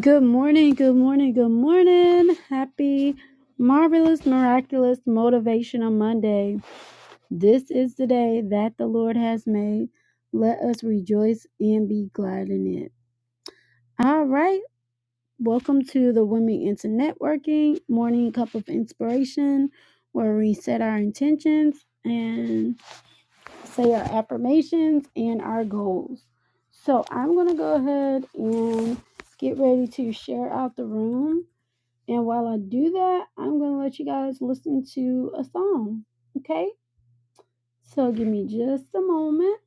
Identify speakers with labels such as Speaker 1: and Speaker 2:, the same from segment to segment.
Speaker 1: Good morning, good morning, good morning. Happy, marvelous, miraculous, motivational Monday. This is the day that the Lord has made. Let us rejoice and be glad in it. All right, welcome to the Women into Networking Morning Cup of Inspiration, where we set our intentions and say our affirmations and our goals. So I'm going to go ahead and get ready to share out the room. And while I do that, I'm going to let you guys listen to a song. Okay? So give me just a moment.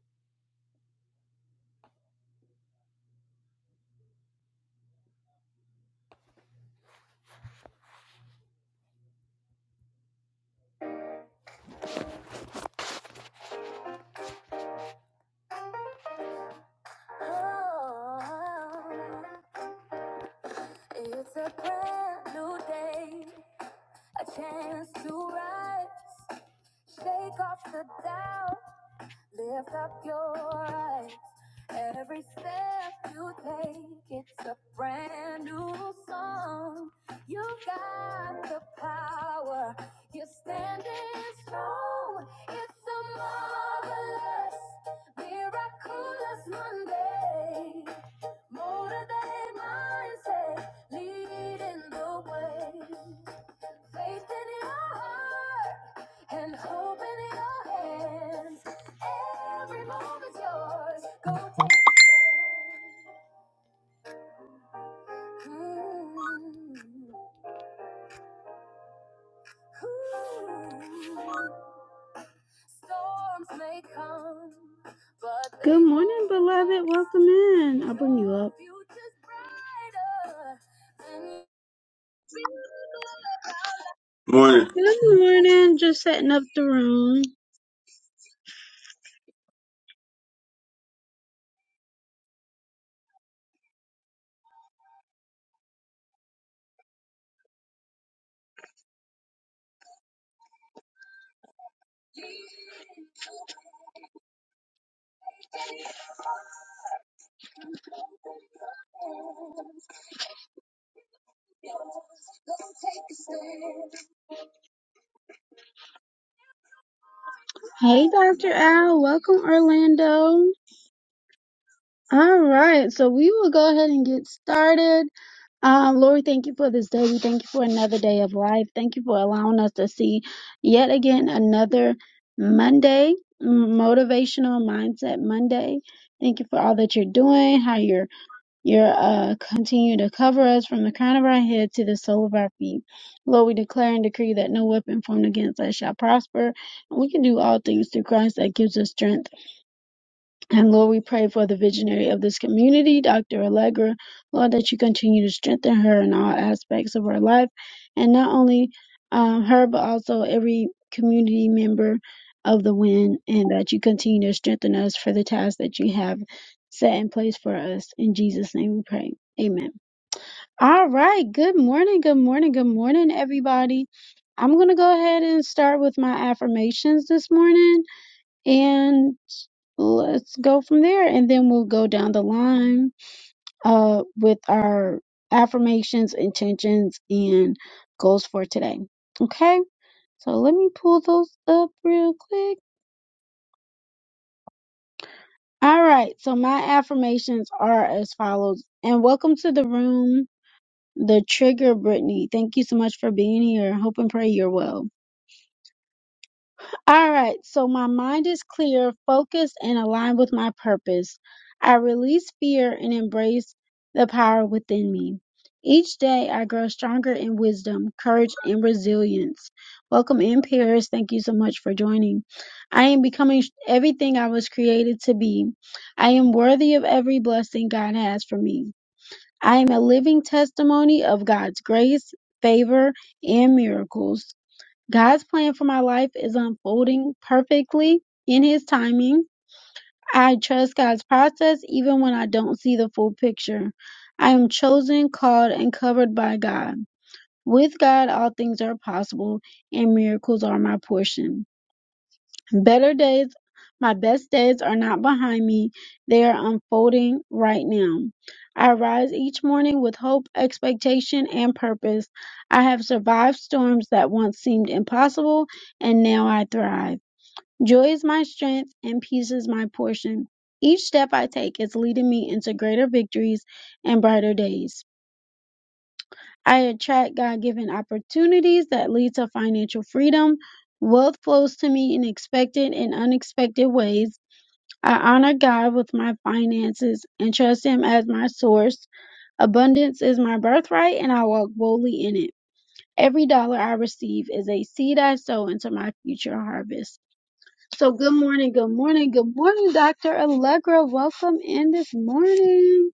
Speaker 1: Good morning, beloved. Welcome in. I'll bring you up.
Speaker 2: Morning.
Speaker 1: Good morning. Just setting up the room. Hey, Dr. Al. Welcome, Orlando. All right. So we will go ahead and get started. Um, Lord, thank you for this day. We thank you for another day of life. Thank you for allowing us to see yet again another Monday, m- motivational mindset Monday. Thank you for all that you're doing, how you're you're uh continue to cover us from the crown of our head to the sole of our feet. Lord, we declare and decree that no weapon formed against us shall prosper. We can do all things through Christ that gives us strength. And Lord, we pray for the visionary of this community, Dr. Allegra. Lord, that you continue to strengthen her in all aspects of her life, and not only um, her, but also every community member of the win. and that you continue to strengthen us for the task that you have set in place for us. In Jesus' name we pray. Amen. All right. Good morning. Good morning. Good morning, everybody. I'm going to go ahead and start with my affirmations this morning. And let's go from there and then we'll go down the line uh with our affirmations intentions and goals for today okay so let me pull those up real quick all right so my affirmations are as follows and welcome to the room the trigger brittany thank you so much for being here hope and pray you're well All right, so my mind is clear, focused, and aligned with my purpose. I release fear and embrace the power within me. Each day I grow stronger in wisdom, courage, and resilience. Welcome in, Paris. Thank you so much for joining. I am becoming sh- everything I was created to be. I am worthy of every blessing God has for me. I am a living testimony of God's grace, favor, and miracles. God's plan for my life is unfolding perfectly in His timing. I trust God's process even when I don't see the full picture. I am chosen, called, and covered by God. With God, all things are possible, and miracles are my portion. Better days, my best days are not behind me. They are unfolding right now. I rise each morning with hope, expectation, and purpose. I have survived storms that once seemed impossible, and now I thrive. Joy is my strength, and peace is my portion. Each step I take is leading me into greater victories and brighter days. I attract God given opportunities that lead to financial freedom. Wealth flows to me in expected and unexpected ways I honor God with my finances and trust Him as my source. Abundance is my birthright, and I walk boldly in it. Every dollar I receive is a seed I sow into my future harvest. So, good morning, good morning, good morning, Dr. Allegra. Welcome in this morning.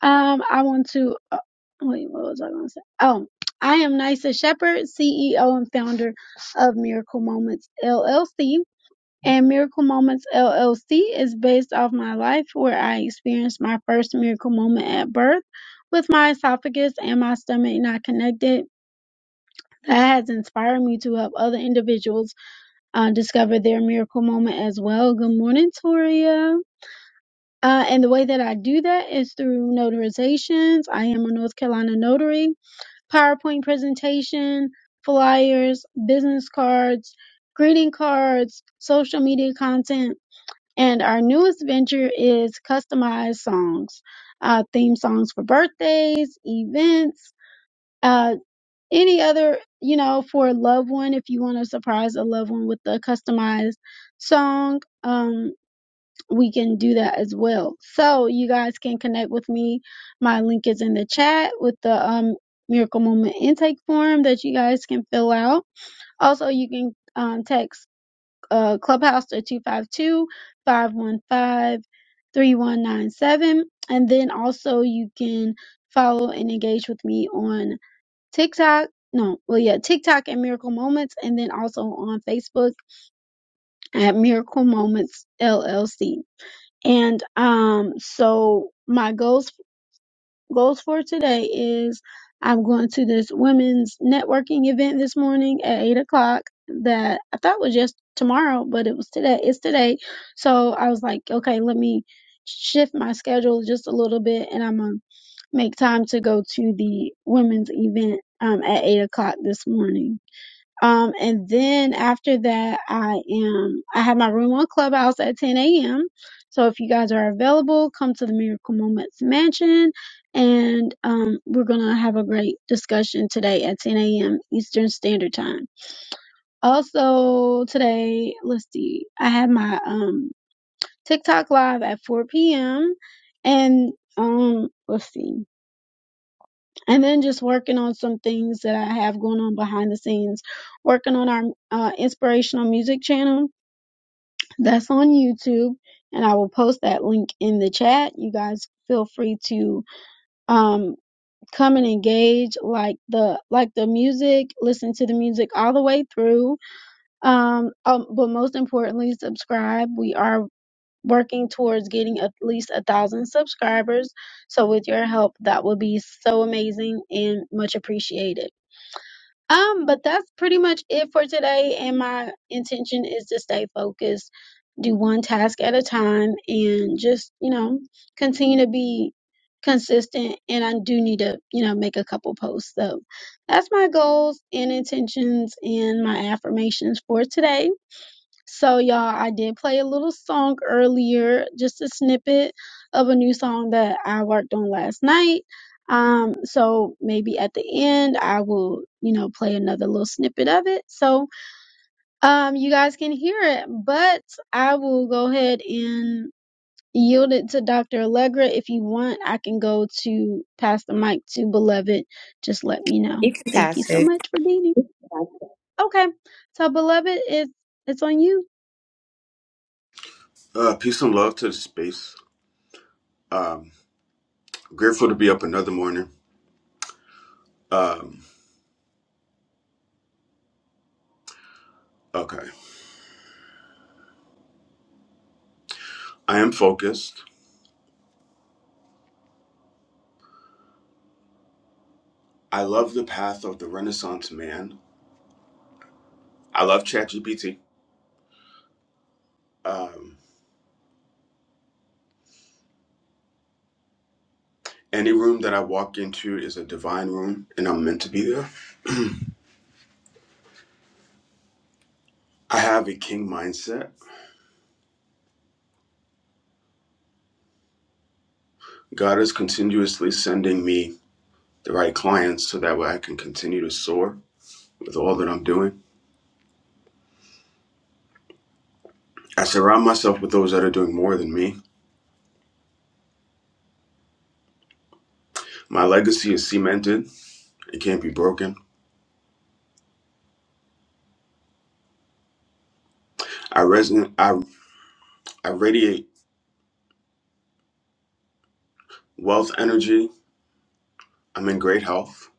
Speaker 1: Um, I want to, uh, wait, what was I going to say? Oh, I am Nisa Shepherd, CEO and founder of Miracle Moments LLC and Miracle Moments LLC is based off my life where I experienced my first miracle moment at birth with my esophagus and my stomach not connected. That has inspired me to help other individuals uh, discover their miracle moment as well. Good morning, Toria. Uh, and the way that I do that is through notarizations. I am a North Carolina notary, PowerPoint presentation, flyers, business cards, greeting cards, social media content and our newest venture is customized songs, uh, theme songs for birthdays, events, uh, any other, you know, for a loved one. If you want to surprise a loved one with a customized song, um, we can do that as well. So you guys can connect with me. My link is in the chat with the um, Miracle Moment intake form that you guys can fill out. Also, you can um, text uh, Clubhouse at 252 515 3197 And then also you can follow and engage with me on TikTok. No, well, yeah, TikTok at Miracle Moments, and then also on Facebook at Miracle Moments LLC. And um, so my goals Goals for today is I'm going to this women's networking event this morning at eight o'clock that I thought was just tomorrow, but it was today. It's today. So I was like, okay, let me shift my schedule just a little bit and I'm gonna make time to go to the women's event um at eight o'clock this morning. Um, and then after that, I am, I have my room on Clubhouse at 10 a.m. So if you guys are available, come to the Miracle Moments Mansion and, um, we're going to have a great discussion today at 10 a.m. Eastern Standard Time. Also today, let's see, I have my, um, TikTok live at 4 p.m. and, um, let's see and then just working on some things that I have going on behind the scenes, working on our uh, inspirational music channel that's on YouTube, and I will post that link in the chat. You guys feel free to um, come and engage, like the like the music, listen to the music all the way through. Um, um, but most importantly, subscribe. We are working towards getting at least a thousand subscribers. So with your help, that would be so amazing and much appreciated. Um, but that's pretty much it for today. And my intention is to stay focused, do one task at a time, and just, you know, continue to be consistent. And I do need to, you know, make a couple posts. So that's my goals and intentions and my affirmations for today. So, y'all, I did play a little song earlier, just a snippet of a new song that I worked on last night. Um, so maybe at the end I will, you know, play another little snippet of it so um you guys can hear it. But I will go ahead and yield it to Dr. Allegra. If you want, I can go to pass the mic to Beloved. Just let me
Speaker 3: You
Speaker 1: know.
Speaker 3: can
Speaker 1: Thank
Speaker 3: pass
Speaker 1: you so
Speaker 3: it.
Speaker 1: much for being here. Okay. So Beloved, it's it's on you.
Speaker 2: Uh, peace and love to the space. Um, grateful to be up another morning. Um, okay. I am focused. I love the path of the Renaissance man. I love ChatGPT. Um, any room that I walk into is a divine room, and I'm meant to be there. I have a king mindset. God is continuously sending me the right clients so that way I can continue to soar with all that I'm doing. I surround myself with those that are doing more than me. My legacy is cemented, it can't be broken. I resonate. I I radiate wealth energy. I'm in great health.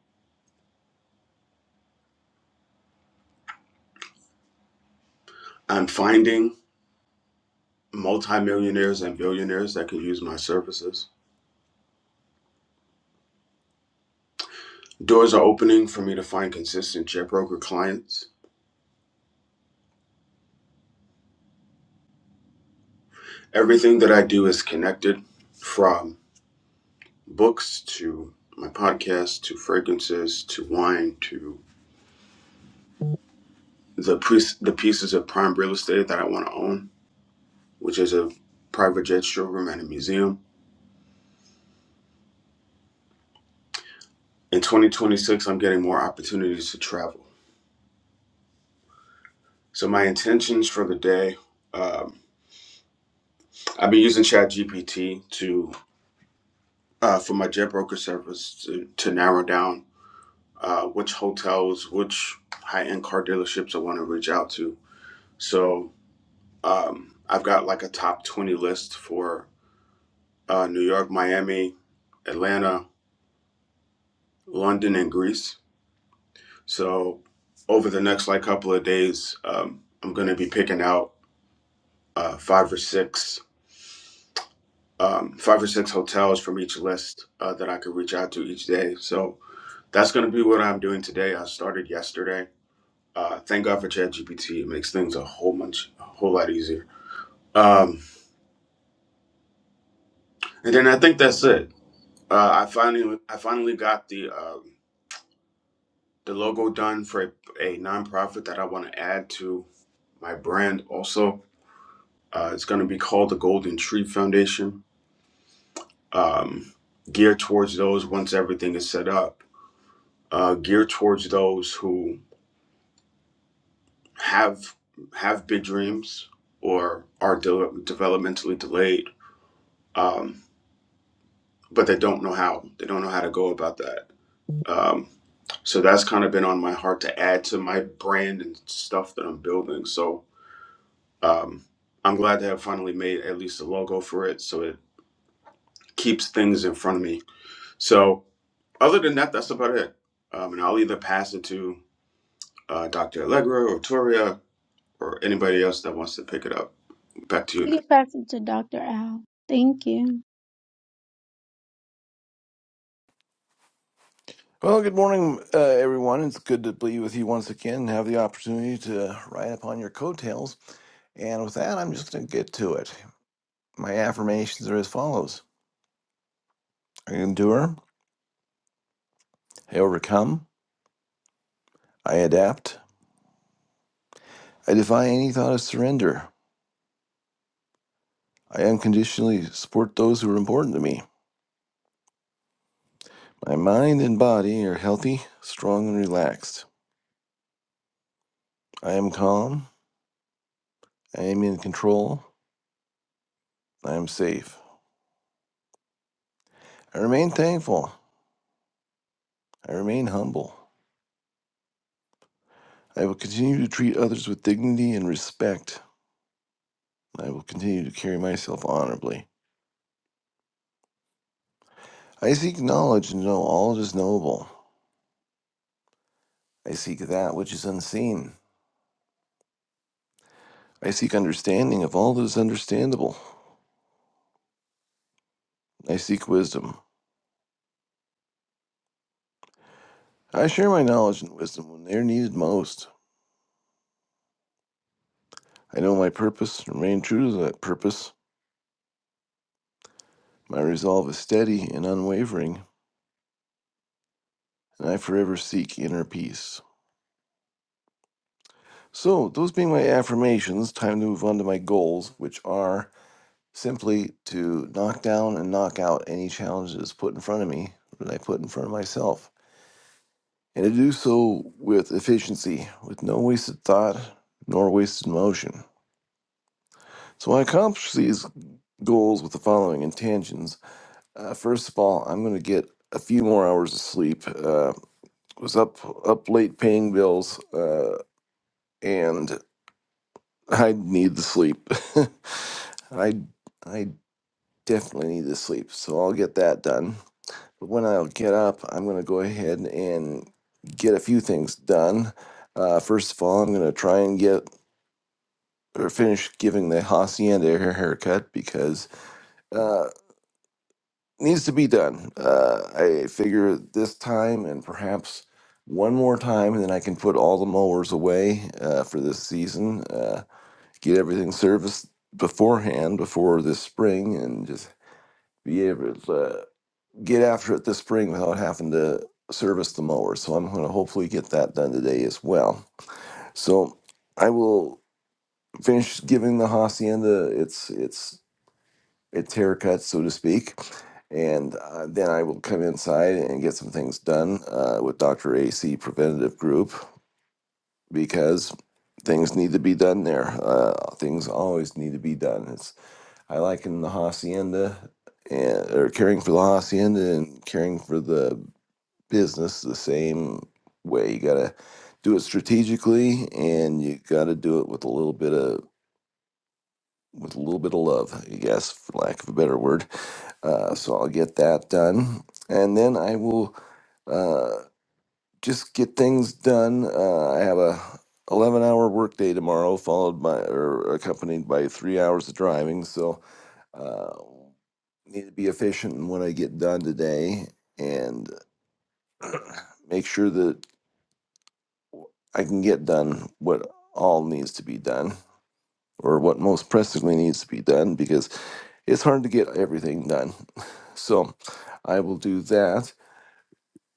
Speaker 2: I'm finding multimillionaires and billionaires that could use my services. Doors are opening for me to find consistent jet broker clients. Everything that I do is connected, from books to my podcast to fragrances to wine to the pre- the pieces of prime real estate that I want to own, which is a private jet showroom and a museum. In 2026, I'm getting more opportunities to travel. So my intentions for the day, um, I've been using ChatGPT to uh, for my jet broker service to, to narrow down uh, which hotels, which high end car dealerships I want to reach out to. So um, I've got like a top twenty list for uh, New York, Miami, Atlanta, London, and Greece. So over the next like couple of days, um, I'm going to be picking out uh, five or six um, five or six hotels from each list uh, that I could reach out to each day. So that's going to be what I'm doing today. I started yesterday. Uh, thank God for ChatGPT. It makes things a whole much, a whole lot easier. Um, and then I think that's it. Uh, I finally, I finally got the um the logo done for a, a nonprofit that I want to add to my brand. Also, uh, it's going to be called the Golden Tree Foundation. Um, geared towards those once everything is set up. Uh, geared towards those who have have big dreams or are de- developmentally delayed, um, but they don't know how. They don't know how to go about that. Um, so that's kind of been on my heart to add to my brand and stuff that I'm building. So um, I'm glad to have finally made at least a logo for it, so it keeps things in front of me. So other than that, that's about it. Um, and I'll either pass it to uh, Dr. Allegra or Toria or anybody else that wants to pick it up. Back to you. now.
Speaker 1: You can pass it to Dr. Al. Thank you.
Speaker 4: Well, good morning, uh, everyone. It's good to be with you once again and have the opportunity to ride upon your coattails. And with that, I'm just going to get to it. My affirmations are as follows I endure, I overcome, I adapt, I defy any thought of surrender, I unconditionally support those who are important to me. My mind and body are healthy, strong, and relaxed. I am calm, I am in control, I am safe. I remain thankful, I remain humble. I will continue to treat others with dignity and respect. I will continue to carry myself honorably. I seek knowledge and know all that is knowable. I seek that which is unseen. I seek understanding of all that is understandable. I seek wisdom. I share my knowledge and wisdom when they are needed most. I know my purpose and remain true to that purpose. My resolve is steady and unwavering, and I forever seek inner peace. So, those being my affirmations, time to move on to my goals, which are simply to knock down and knock out any challenges put in front of me that I put in front of myself, and to do so with efficiency, with no wasted thought nor wasted motion. So I accomplish these goals with the following intentions. Uh, first of all, I'm going to get a few more hours of sleep. Uh, was up up late paying bills, uh, and I need the sleep. I I definitely need the sleep, so I'll get that done. But when I get up, I'm going to go ahead and get a few things done. Uh, first of all, I'm going to try and get or finish giving the hacienda her haircut because uh, needs to be done. Uh, I figure this time and perhaps one more time, and then I can put all the mowers away uh, for this season. Uh, get everything serviced beforehand before this spring, and just be able to. get after it this spring without having to service the mower. So I'm going to hopefully get that done today as well. So I will finish giving the hacienda its its its haircut, so to speak, and uh, then I will come inside and get some things done uh, with Doctor AC Preventative Group because things need to be done there. Uh, things always need to be done. It's I liken the hacienda and or caring for the hacienda and caring for the business the same way. You gotta do it strategically, and you gotta do it with a little bit of with a little bit of love, I guess, for lack of a better word. Uh, so I'll get that done, and then I will uh, just get things done. Uh, I have a 11 hour workday tomorrow, followed by or accompanied by three hours of driving. So uh, need to be efficient in what I get done today, and make sure that I can get done what all needs to be done or what most pressingly needs to be done because it's hard to get everything done. So I will do that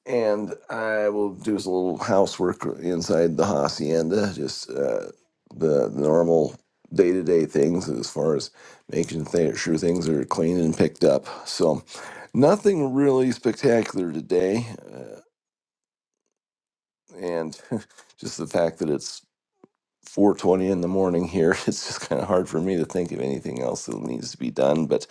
Speaker 4: and I will do a little housework inside the hacienda, just uh, the, the normal day to day things as far as making th- sure things are clean and picked up. So nothing really spectacular today. Uh, and just the fact that it's 4:20 in the morning here. It's just kind of hard for me to think of anything else that needs to be done. But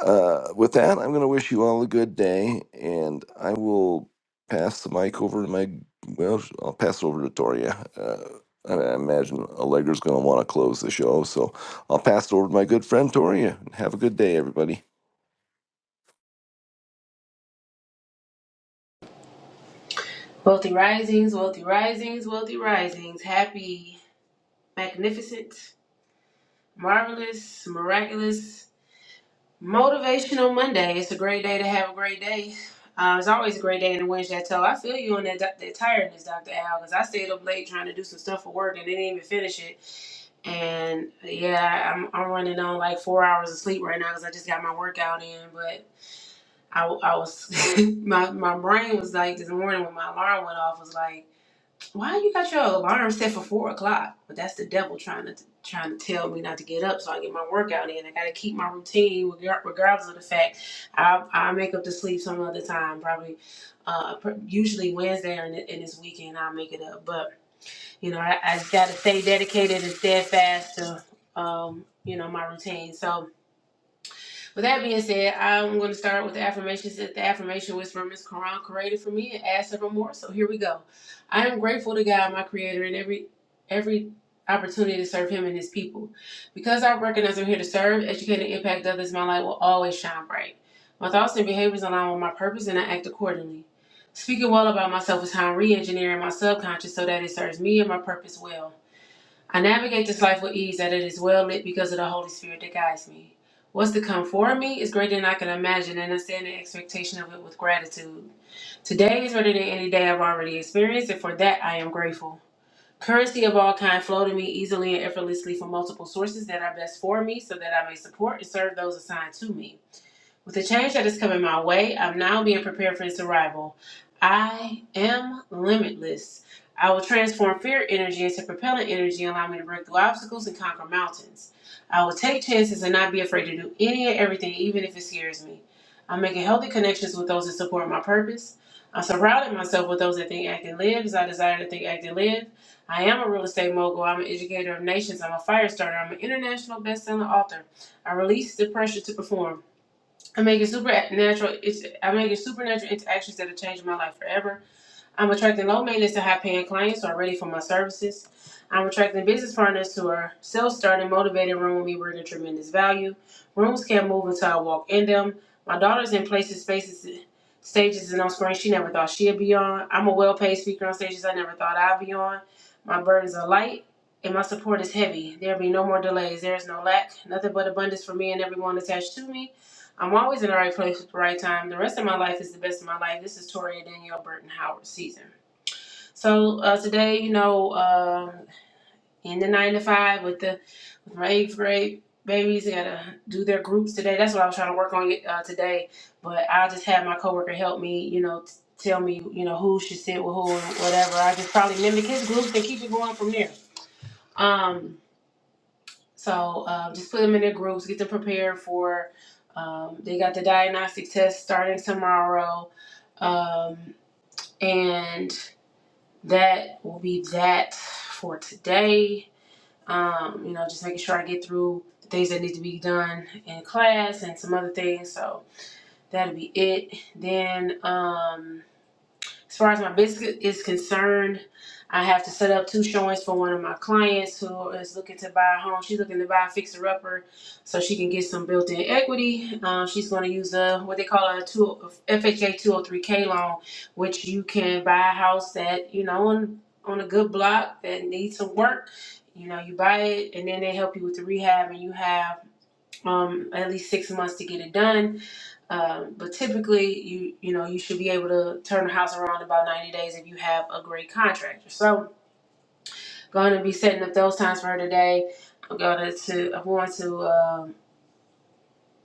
Speaker 4: uh, with that, I'm going to wish you all a good day, and I will pass the mic over to my well, I'll pass it over to Toria. Uh, I I imagine Allegra's going to want to close the show, so I'll pass it over to my good friend Toria. Have a good day, everybody.
Speaker 5: Wealthy risings, wealthy risings, wealthy risings. Happy, magnificent, marvelous, miraculous, motivational Monday. It's a great day to have a great day. Uh, it's always a great day in the Wednesday. So I feel you on that, doc- that tiredness, Dr. Al, because I stayed up late trying to do some stuff for work and didn't even finish it. And yeah, I'm, I'm running on like four hours of sleep right now because I just got my workout in. But I, I was, my, my brain was like this morning when my alarm went off, was like, Why you got your alarm set for four o'clock? But that's the devil trying to trying to tell me not to get up so I get my workout in. I gotta keep my routine regar- regardless of the fact I I make up to sleep some other time. Probably, uh, pr- usually Wednesday or in, th- in this weekend I'll make it up. But you know I, I gotta stay dedicated and steadfast to um you know my routine. So with that being said, I'm going to start with the affirmations that the affirmation was from Ms. Quran created for me and add several more. So here we go. I am grateful to God, my creator, and every every opportunity to serve him and his people. Because I recognize I'm here to serve, educate, and impact others, my light will always shine bright. My thoughts and behaviors align with my purpose and I act accordingly. Speaking well about myself is how I'm re-engineering my subconscious so that it serves me and my purpose well. I navigate this life with ease that it is well lit because of the Holy Spirit that guides me. What's to come for me is greater than I can imagine, and I stand in expectation of it with gratitude. Today is better than any day I've already experienced, and for that I am grateful. Currency of all kind flow to me easily and effortlessly from multiple sources that are best for me so that I may support and serve those assigned to me. With the change that is coming my way, I'm now being prepared for its arrival. I am limitless. I will transform fear energy into propellant energy, allowing me to break through obstacles and conquer mountains. I will take chances and not be afraid to do any and everything, even if it scares me. I'm making healthy connections with those that support my purpose. I'm surrounding myself with those that think, act, and live as I desire to think, act, and live. I am a real estate mogul. I'm an educator of nations. I'm a fire starter. I'm an international best-selling author. I release the pressure to perform. I'm making supernatural. It's I'm making supernatural interactions that are changing my life forever. I'm attracting low maintenance to high paying clients who are ready for my services. I'm attracting business partners who are self starting, motivated, and room me bringing tremendous value. Rooms can't move until I walk in them. My daughter's in places, spaces, stages, and on screen she never thought she'd be on. I'm a well paid speaker on stages I never thought I'd be on. My burdens are light. And my support is heavy. There'll be no more delays. There is no lack. Nothing but abundance for me and everyone attached to me. I'm always in the right place at the right time. The rest of my life is the best of my life. This is Toria Danielle Burton Howard season. So uh, today, you know, uh, in the nine to five with the with my eighth grade babies, they gotta do their groups today. That's what I was trying to work on uh, today. But I just had my coworker help me, you know, t- tell me, you know, who should sit with who and whatever. I just probably mimic his groups and keep it going from there. Um, so um, just put them in their groups, get them prepared for. Um, they got the diagnostic test starting tomorrow, um, and that will be that for today. Um, you know, just making sure I get through the things that need to be done in class and some other things. So that'll be it. Then. Um, as far as my business is concerned, I have to set up two showings for one of my clients who is looking to buy a home. She's looking to buy a fixer upper so she can get some built in equity. Um, she's going to use a what they call a two, FHA 203K loan, which you can buy a house that, you know, on, on a good block that needs some work. You know, you buy it and then they help you with the rehab and you have um, at least six months to get it done um, but typically, you you know you should be able to turn the house around in about ninety days if you have a great contractor. So, going to be setting up those times for her today. I'm going to, to I'm going to um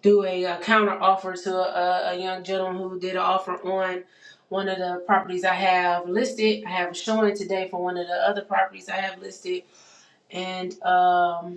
Speaker 5: do a, uh counter offer to a, a young gentleman who did an offer on one of the properties I have listed. I have a showing today for one of the other properties I have listed, and um,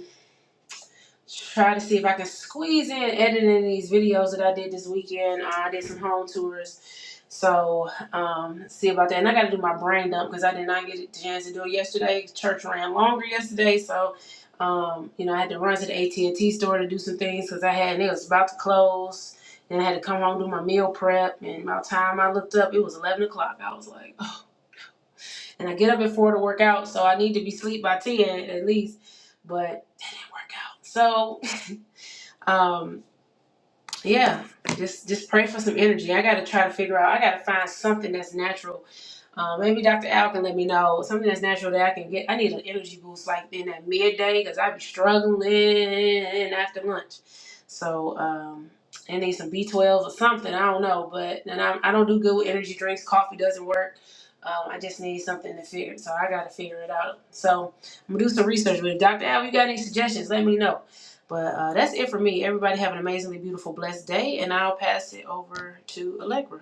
Speaker 5: try to see if I can squeeze in editing these videos that I did this weekend. Uh, I did some home tours. So, um, see about that. And I got to do my brain dump because I did not get a chance to do it yesterday. Church ran longer yesterday. So, um, you know, I had to run to the AT&T store to do some things because I had, and it was about to close. Then I had to come home do my meal prep. And by the time I looked up, it was 11 o'clock. I was like, "Ugh." and I get up at 4 to work out. So I need to be asleep by 10 at least. But that didn't work out. So, um, yeah, just just pray for some energy. I got to try to figure out. I got to find something that's natural. Uh, maybe Dr. Al can let me know something that's natural that I can get. I need an energy boost like in that midday because I be struggling after lunch. So um, I need some B12 or something. I don't know, but and I, I don't do good with energy drinks. Coffee doesn't work. Um, I just need something to figure. So I got to figure it out. So I'm gonna do some research. But if Dr. Al, you got any suggestions? Let me know. But uh, that's it for me. Everybody have an amazingly beautiful, blessed day, and I'll pass it over to Allegra.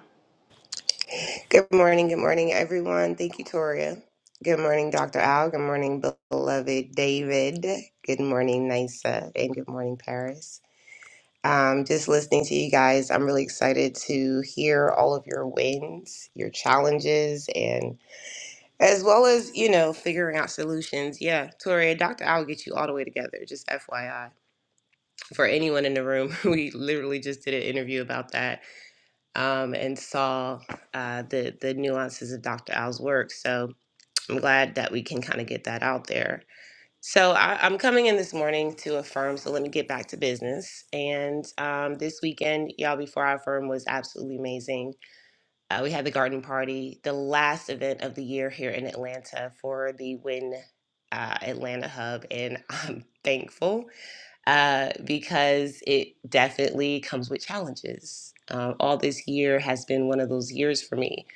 Speaker 3: Good morning. Good morning, everyone. Thank you, Toria. Good morning, Dr. Al. Good morning, beloved David. Good morning, Nisa. And good morning, Paris. Um, just listening to you guys, I'm really excited to hear all of your wins, your challenges, and as well as, you know, figuring out solutions. Yeah, Toria, Dr. Al will get you all the way together, just FYI. For anyone in the room, we literally just did an interview about that um, and saw uh, the the nuances of Dr. Al's work. So I'm glad that we can kind of get that out there. So I, I'm coming in this morning to affirm. So let me get back to business. And um, this weekend, y'all, before I affirm was absolutely amazing. Uh, we had the garden party, the last event of the year here in Atlanta for the Win uh, Atlanta Hub, and I'm thankful uh, because it definitely comes with challenges. Um, all this year has been one of those years for me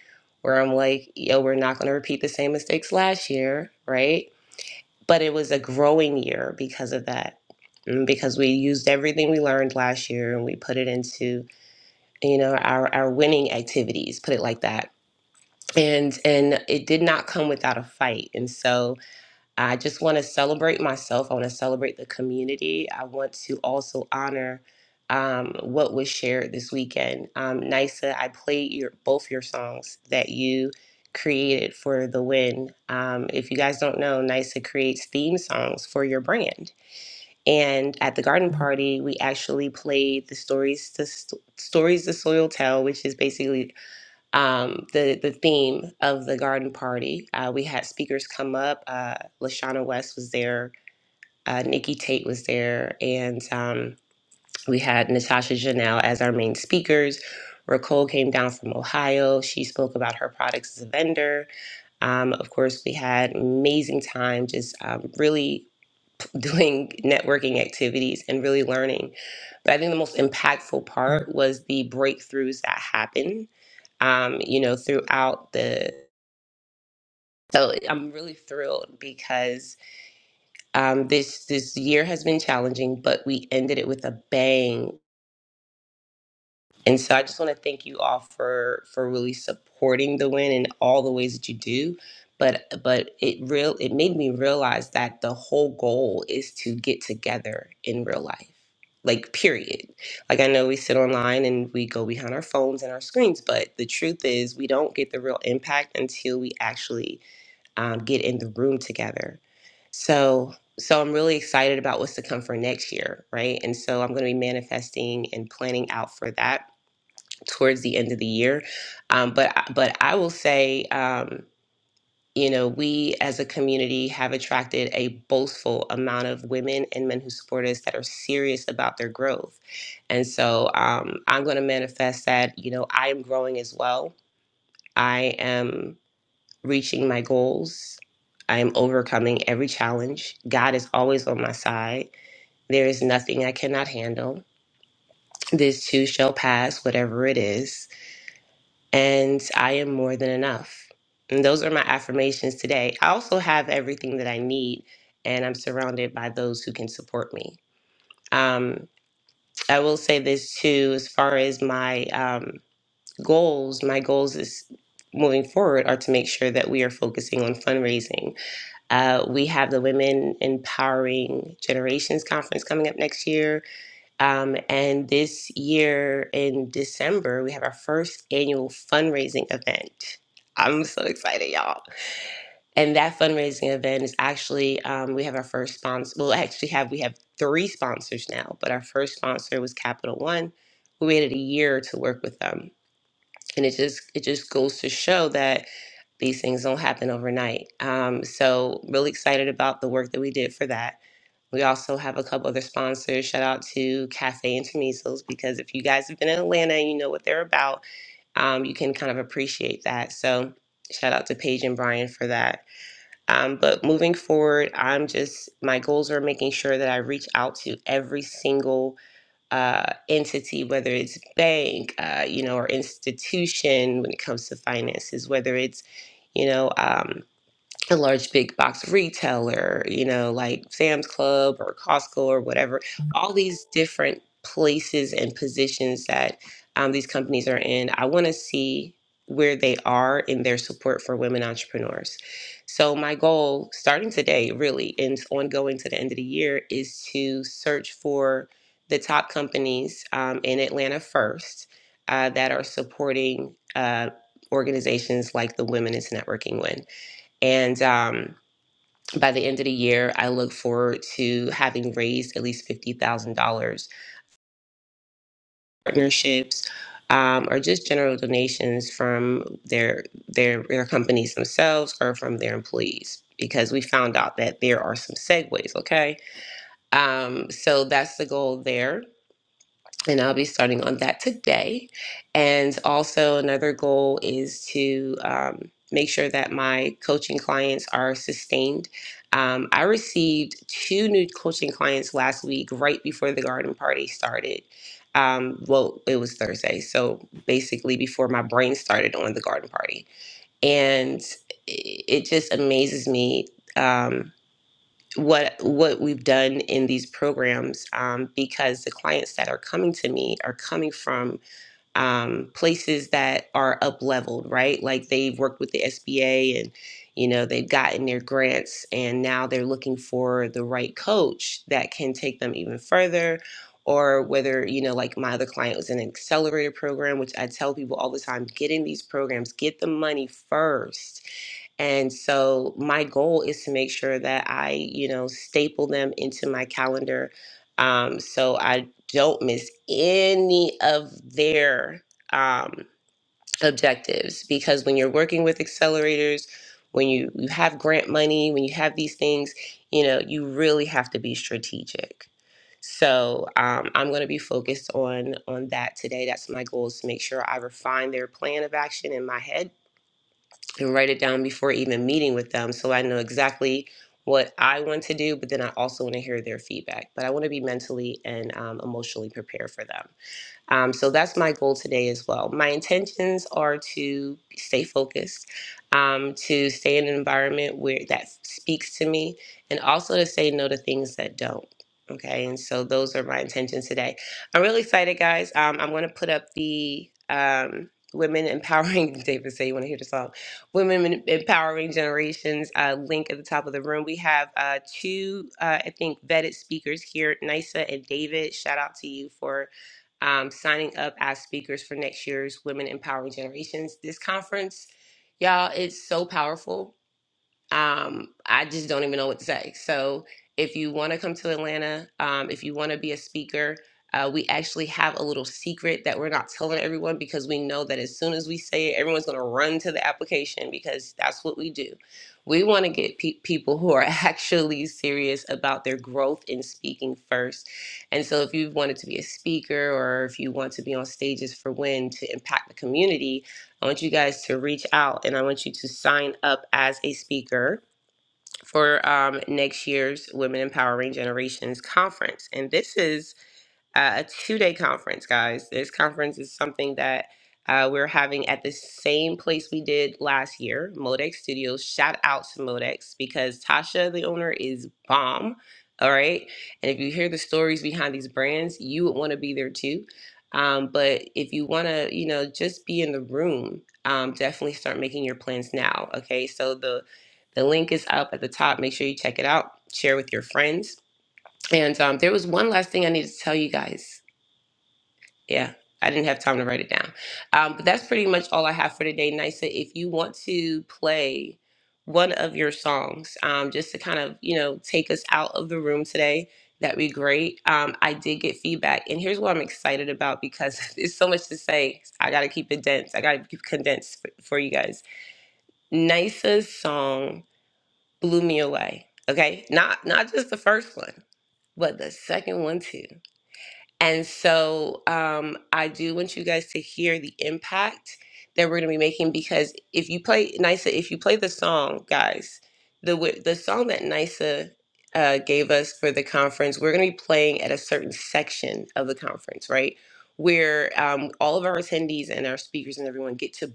Speaker 3: where I'm like, yo, we're not going to repeat the same mistakes last year, right? But it was a growing year because of that. Mm, Because we used everything we learned last year and we put it into, you know, our, our winning activities, put it like that. And and it did not come without a fight. And so I just want to celebrate myself. I want to celebrate the community. I want to also honor um, what was shared this weekend. Um, Nisa, I played your both your songs that you created for the win. Um, if you guys don't know, Nisa creates theme songs for your brand. And at the garden party, we actually played the stories to Stories the Soil Tell, which is basically um, the the theme of the garden party. Uh, we had speakers come up. Uh, Lashana West was there. Uh, Nikki Tate was there, and um, we had Natasha Janelle as our main speakers. Raquel came down from Ohio. She spoke about her products as a vendor. Um, of course, we had amazing time, just um, really doing networking activities and really learning. But I think the most impactful part was the breakthroughs that happened um, you know, throughout the So I'm really thrilled because um, this this year has been challenging, but we ended it with a bang. And so I just want to thank you all for for really supporting the win in all the ways that you do. But but it real it made me realize that the whole goal is to get together in real life. Like period. Like I know we sit online and we go behind our phones and our screens, but the truth is we don't get the real impact until we actually um, get in the room together. So, so I'm really excited about what's to come for next year, right? And so I'm going to be manifesting and planning out for that towards the end of the year. Um, but, I- but I will say, um, you know, we as a community have attracted a boastful amount of women and men who support us that are serious about their growth. And so um, I'm going to manifest that, you know, I am growing as well. I am reaching my goals. I am overcoming every challenge. God is always on my side. There is nothing I cannot handle. This too shall pass, whatever it is. And I am more than enough. And those are my affirmations today. I also have everything that I need, and I'm surrounded by those who can support me. Um, I will say this too, as far as my um, goals, my goals is moving forward are to make sure that we are focusing on fundraising Uh, we have the Women Empowering Generations Conference coming up next year. Um, and this year in December, we have our first annual fundraising event. I'm so excited, y'all. And that fundraising event is actually, um, we have our first sponsor. Well, actually, have we have three sponsors now, but our first sponsor was Capital One. We waited a year to work with them. And it just it just goes to show that these things don't happen overnight. Um, so, really excited about the work that we did for that. We also have a couple other sponsors. Shout out to Cafe and Intermesos because if you guys have been in Atlanta and you know what they're about, um, you can kind of appreciate that. So, shout out to Paige and Brian for that. Um, but moving forward, I'm just, my goals are making sure that I reach out to every single uh, entity, whether it's bank, uh, you know, or institution when it comes to finances, whether it's, you know, um, a large big box retailer, you know, like Sam's Club or Costco or whatever, all these different places and positions that um, these companies are in. I want to see where they are in their support for women entrepreneurs. So, my goal starting today, really, and ongoing to the end of the year, is to search for the top companies um, in Atlanta first uh, that are supporting uh, organizations like the Women is Networking Win. And um, by the end of the year, I look forward to having raised at least $50,000 partnerships um, or just general donations from their, their, their companies themselves or from their employees because we found out that there are some segues, okay? Um, so that's the goal there. and I'll be starting on that today. And also, another goal is to um, make sure that my coaching clients are sustained. Um, I received two new coaching clients last week, right before the garden party started. Um, well, it was Thursday, so basically before my brain started on the garden party, and it it just amazes me. Um, what what we've done in these programs um, because the clients that are coming to me are coming from um, places that are up leveled right like they've worked with the sba and you know they've gotten their grants and now they're looking for the right coach that can take them even further or whether you know like my other client was in an accelerator program which i tell people all the time get in these programs get the money first and so my goal is to make sure that I, you know, staple them into my calendar um, so I don't miss any of their um, objectives. Because when you're working with accelerators, when you, you have grant money, when you have these things, you know, you really have to be strategic. So um, I'm going to be focused on on that today. That's my goal is to make sure I refine their plan of action in my head and write it down before even meeting with them so I know exactly what I want to do, but then I also want to hear their feedback. But I want to be mentally and um, emotionally prepared for them. Um, so that's my goal today as well. My intentions are to stay focused, um, to stay in an environment where that speaks to me, and also to say no to things that don't. Okay, and so those are my intentions today. I'm really excited, guys. Um, I'm going to put up the um, Women Empowering, David say you want to hear the song, Women Empowering Generations uh, link at the top of the room. We have uh, two, uh, I think, vetted speakers here, Nisa and David. Shout out to you for um, signing up as speakers for next year's Women Empowering Generations. This conference, y'all, it's so powerful um, I just don't even know what to say. So if you want to come to Atlanta, um, if you want to be a speaker, uh, we actually have a little secret that we're not telling everyone because we know that as soon as we say it, everyone's going to run to the application because that's what we do. We want to get pe- people who are actually serious about their growth in speaking first. And so, if you wanted to be a speaker or if you want to be on stages for when to impact the community, I want you guys to reach out and I want you to sign up as a speaker for um, next year's Women Empowering Generations Conference. And this is uh, a two day conference, guys. This conference is something that uh, we're having at the same place we did last year, Modex Studios. Shout out to Modex because Tasha, the owner, is bomb. All right. And if you hear the stories behind these brands, you would want to be there too. Um, but if you want to, you know, just be in the room, um, definitely start making your plans now. Okay. So the, the link is up at the top. Make sure you check it out, share with your friends. And um, there was one last thing I need to tell you guys yeah i didn't have time to write it down um, but that's pretty much all i have for today nisa if you want to play one of your songs um, just to kind of you know take us out of the room today that'd be great um, i did get feedback and here's what i'm excited about because there's so much to say i gotta keep it dense i gotta keep condensed for, for you guys nisa's song blew me away okay not not just the first one but the second one too and so um, I do want you guys to hear the impact that we're going to be making because if you play Nisa, if you play the song, guys, the wi- the song that Nisa uh, gave us for the conference, we're going to be playing at a certain section of the conference, right? Where um, all of our attendees and our speakers and everyone get to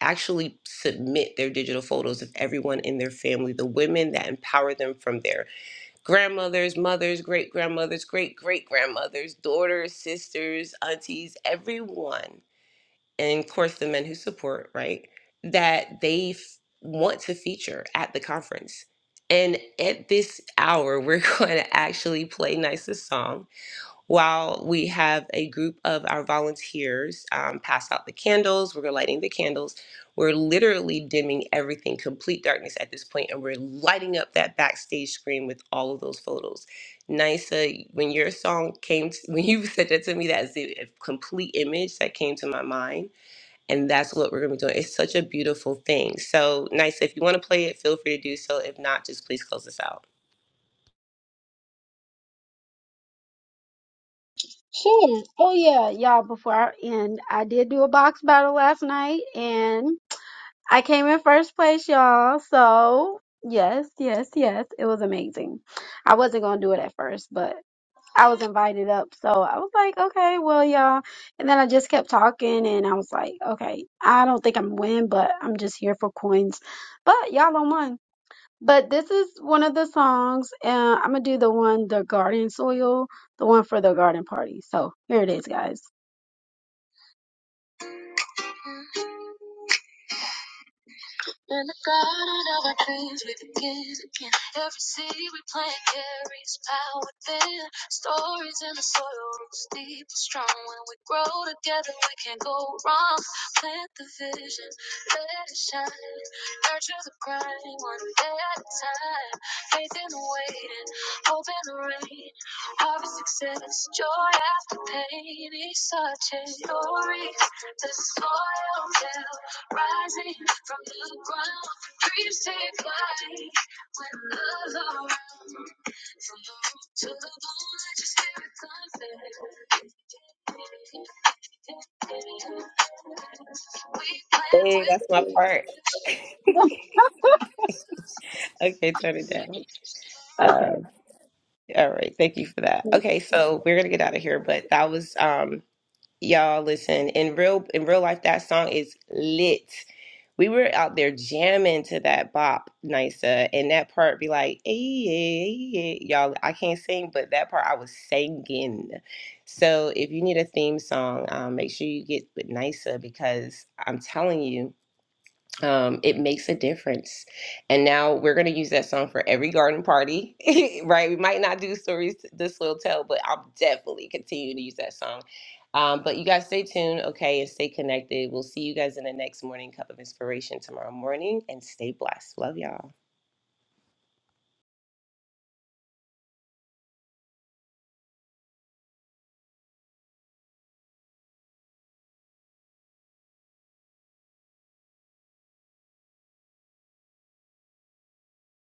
Speaker 3: actually submit their digital photos of everyone in their family, the women that empower them from there grandmothers, mothers, great grandmothers, great great grandmothers, daughters, sisters, aunties, everyone, and of course the men who support, right? That they f- want to feature at the conference. And at this hour, we're going to actually play Nice's song while we have a group of our volunteers um, pass out the candles, we're lighting the candles. We're literally dimming everything, complete darkness at this point, and we're lighting up that backstage screen with all of those photos. Nysa, when your song came, to, when you said that to me, that's the complete image that came to my mind, and that's what we're gonna be doing. It's such a beautiful thing. So, Nysa, if you want to play it, feel free to do so. If not, just please close us out.
Speaker 1: Sure. Oh yeah, y'all. Before I end, I did do a box battle last night, and I came in first place, y'all. So yes, yes, yes, it was amazing. I wasn't gonna do it at first, but I was invited up, so I was like, okay, well, y'all. And then I just kept talking, and I was like, okay, I don't think I'm gonna win, but I'm just here for coins. But y'all don't won, But this is one of the songs, and I'm gonna do the one, the garden soil, the one for the garden party. So here it is, guys.
Speaker 3: Hey, that's my part. Okay, turn it down.
Speaker 1: Okay.
Speaker 3: All right, thank you for that. Okay, so we're gonna get out of here, but that was um y'all listen in real in real life that song is lit. We were out there jamming to that bop, Nisa, and that part be like, "Ay, ay, ay, ay." y'all. I can't sing, but that part I was singing. So if you need a theme song, um, make sure you get with Nisa because I'm telling you um, it makes a difference. And now we're going to use that song for every garden party, right? We might not do stories t- this will tell, but I'll definitely continue to use that song. Um, but you guys stay tuned, okay, and stay connected. We'll see you guys in the next morning cup of inspiration tomorrow morning, and stay blessed. Love y'all.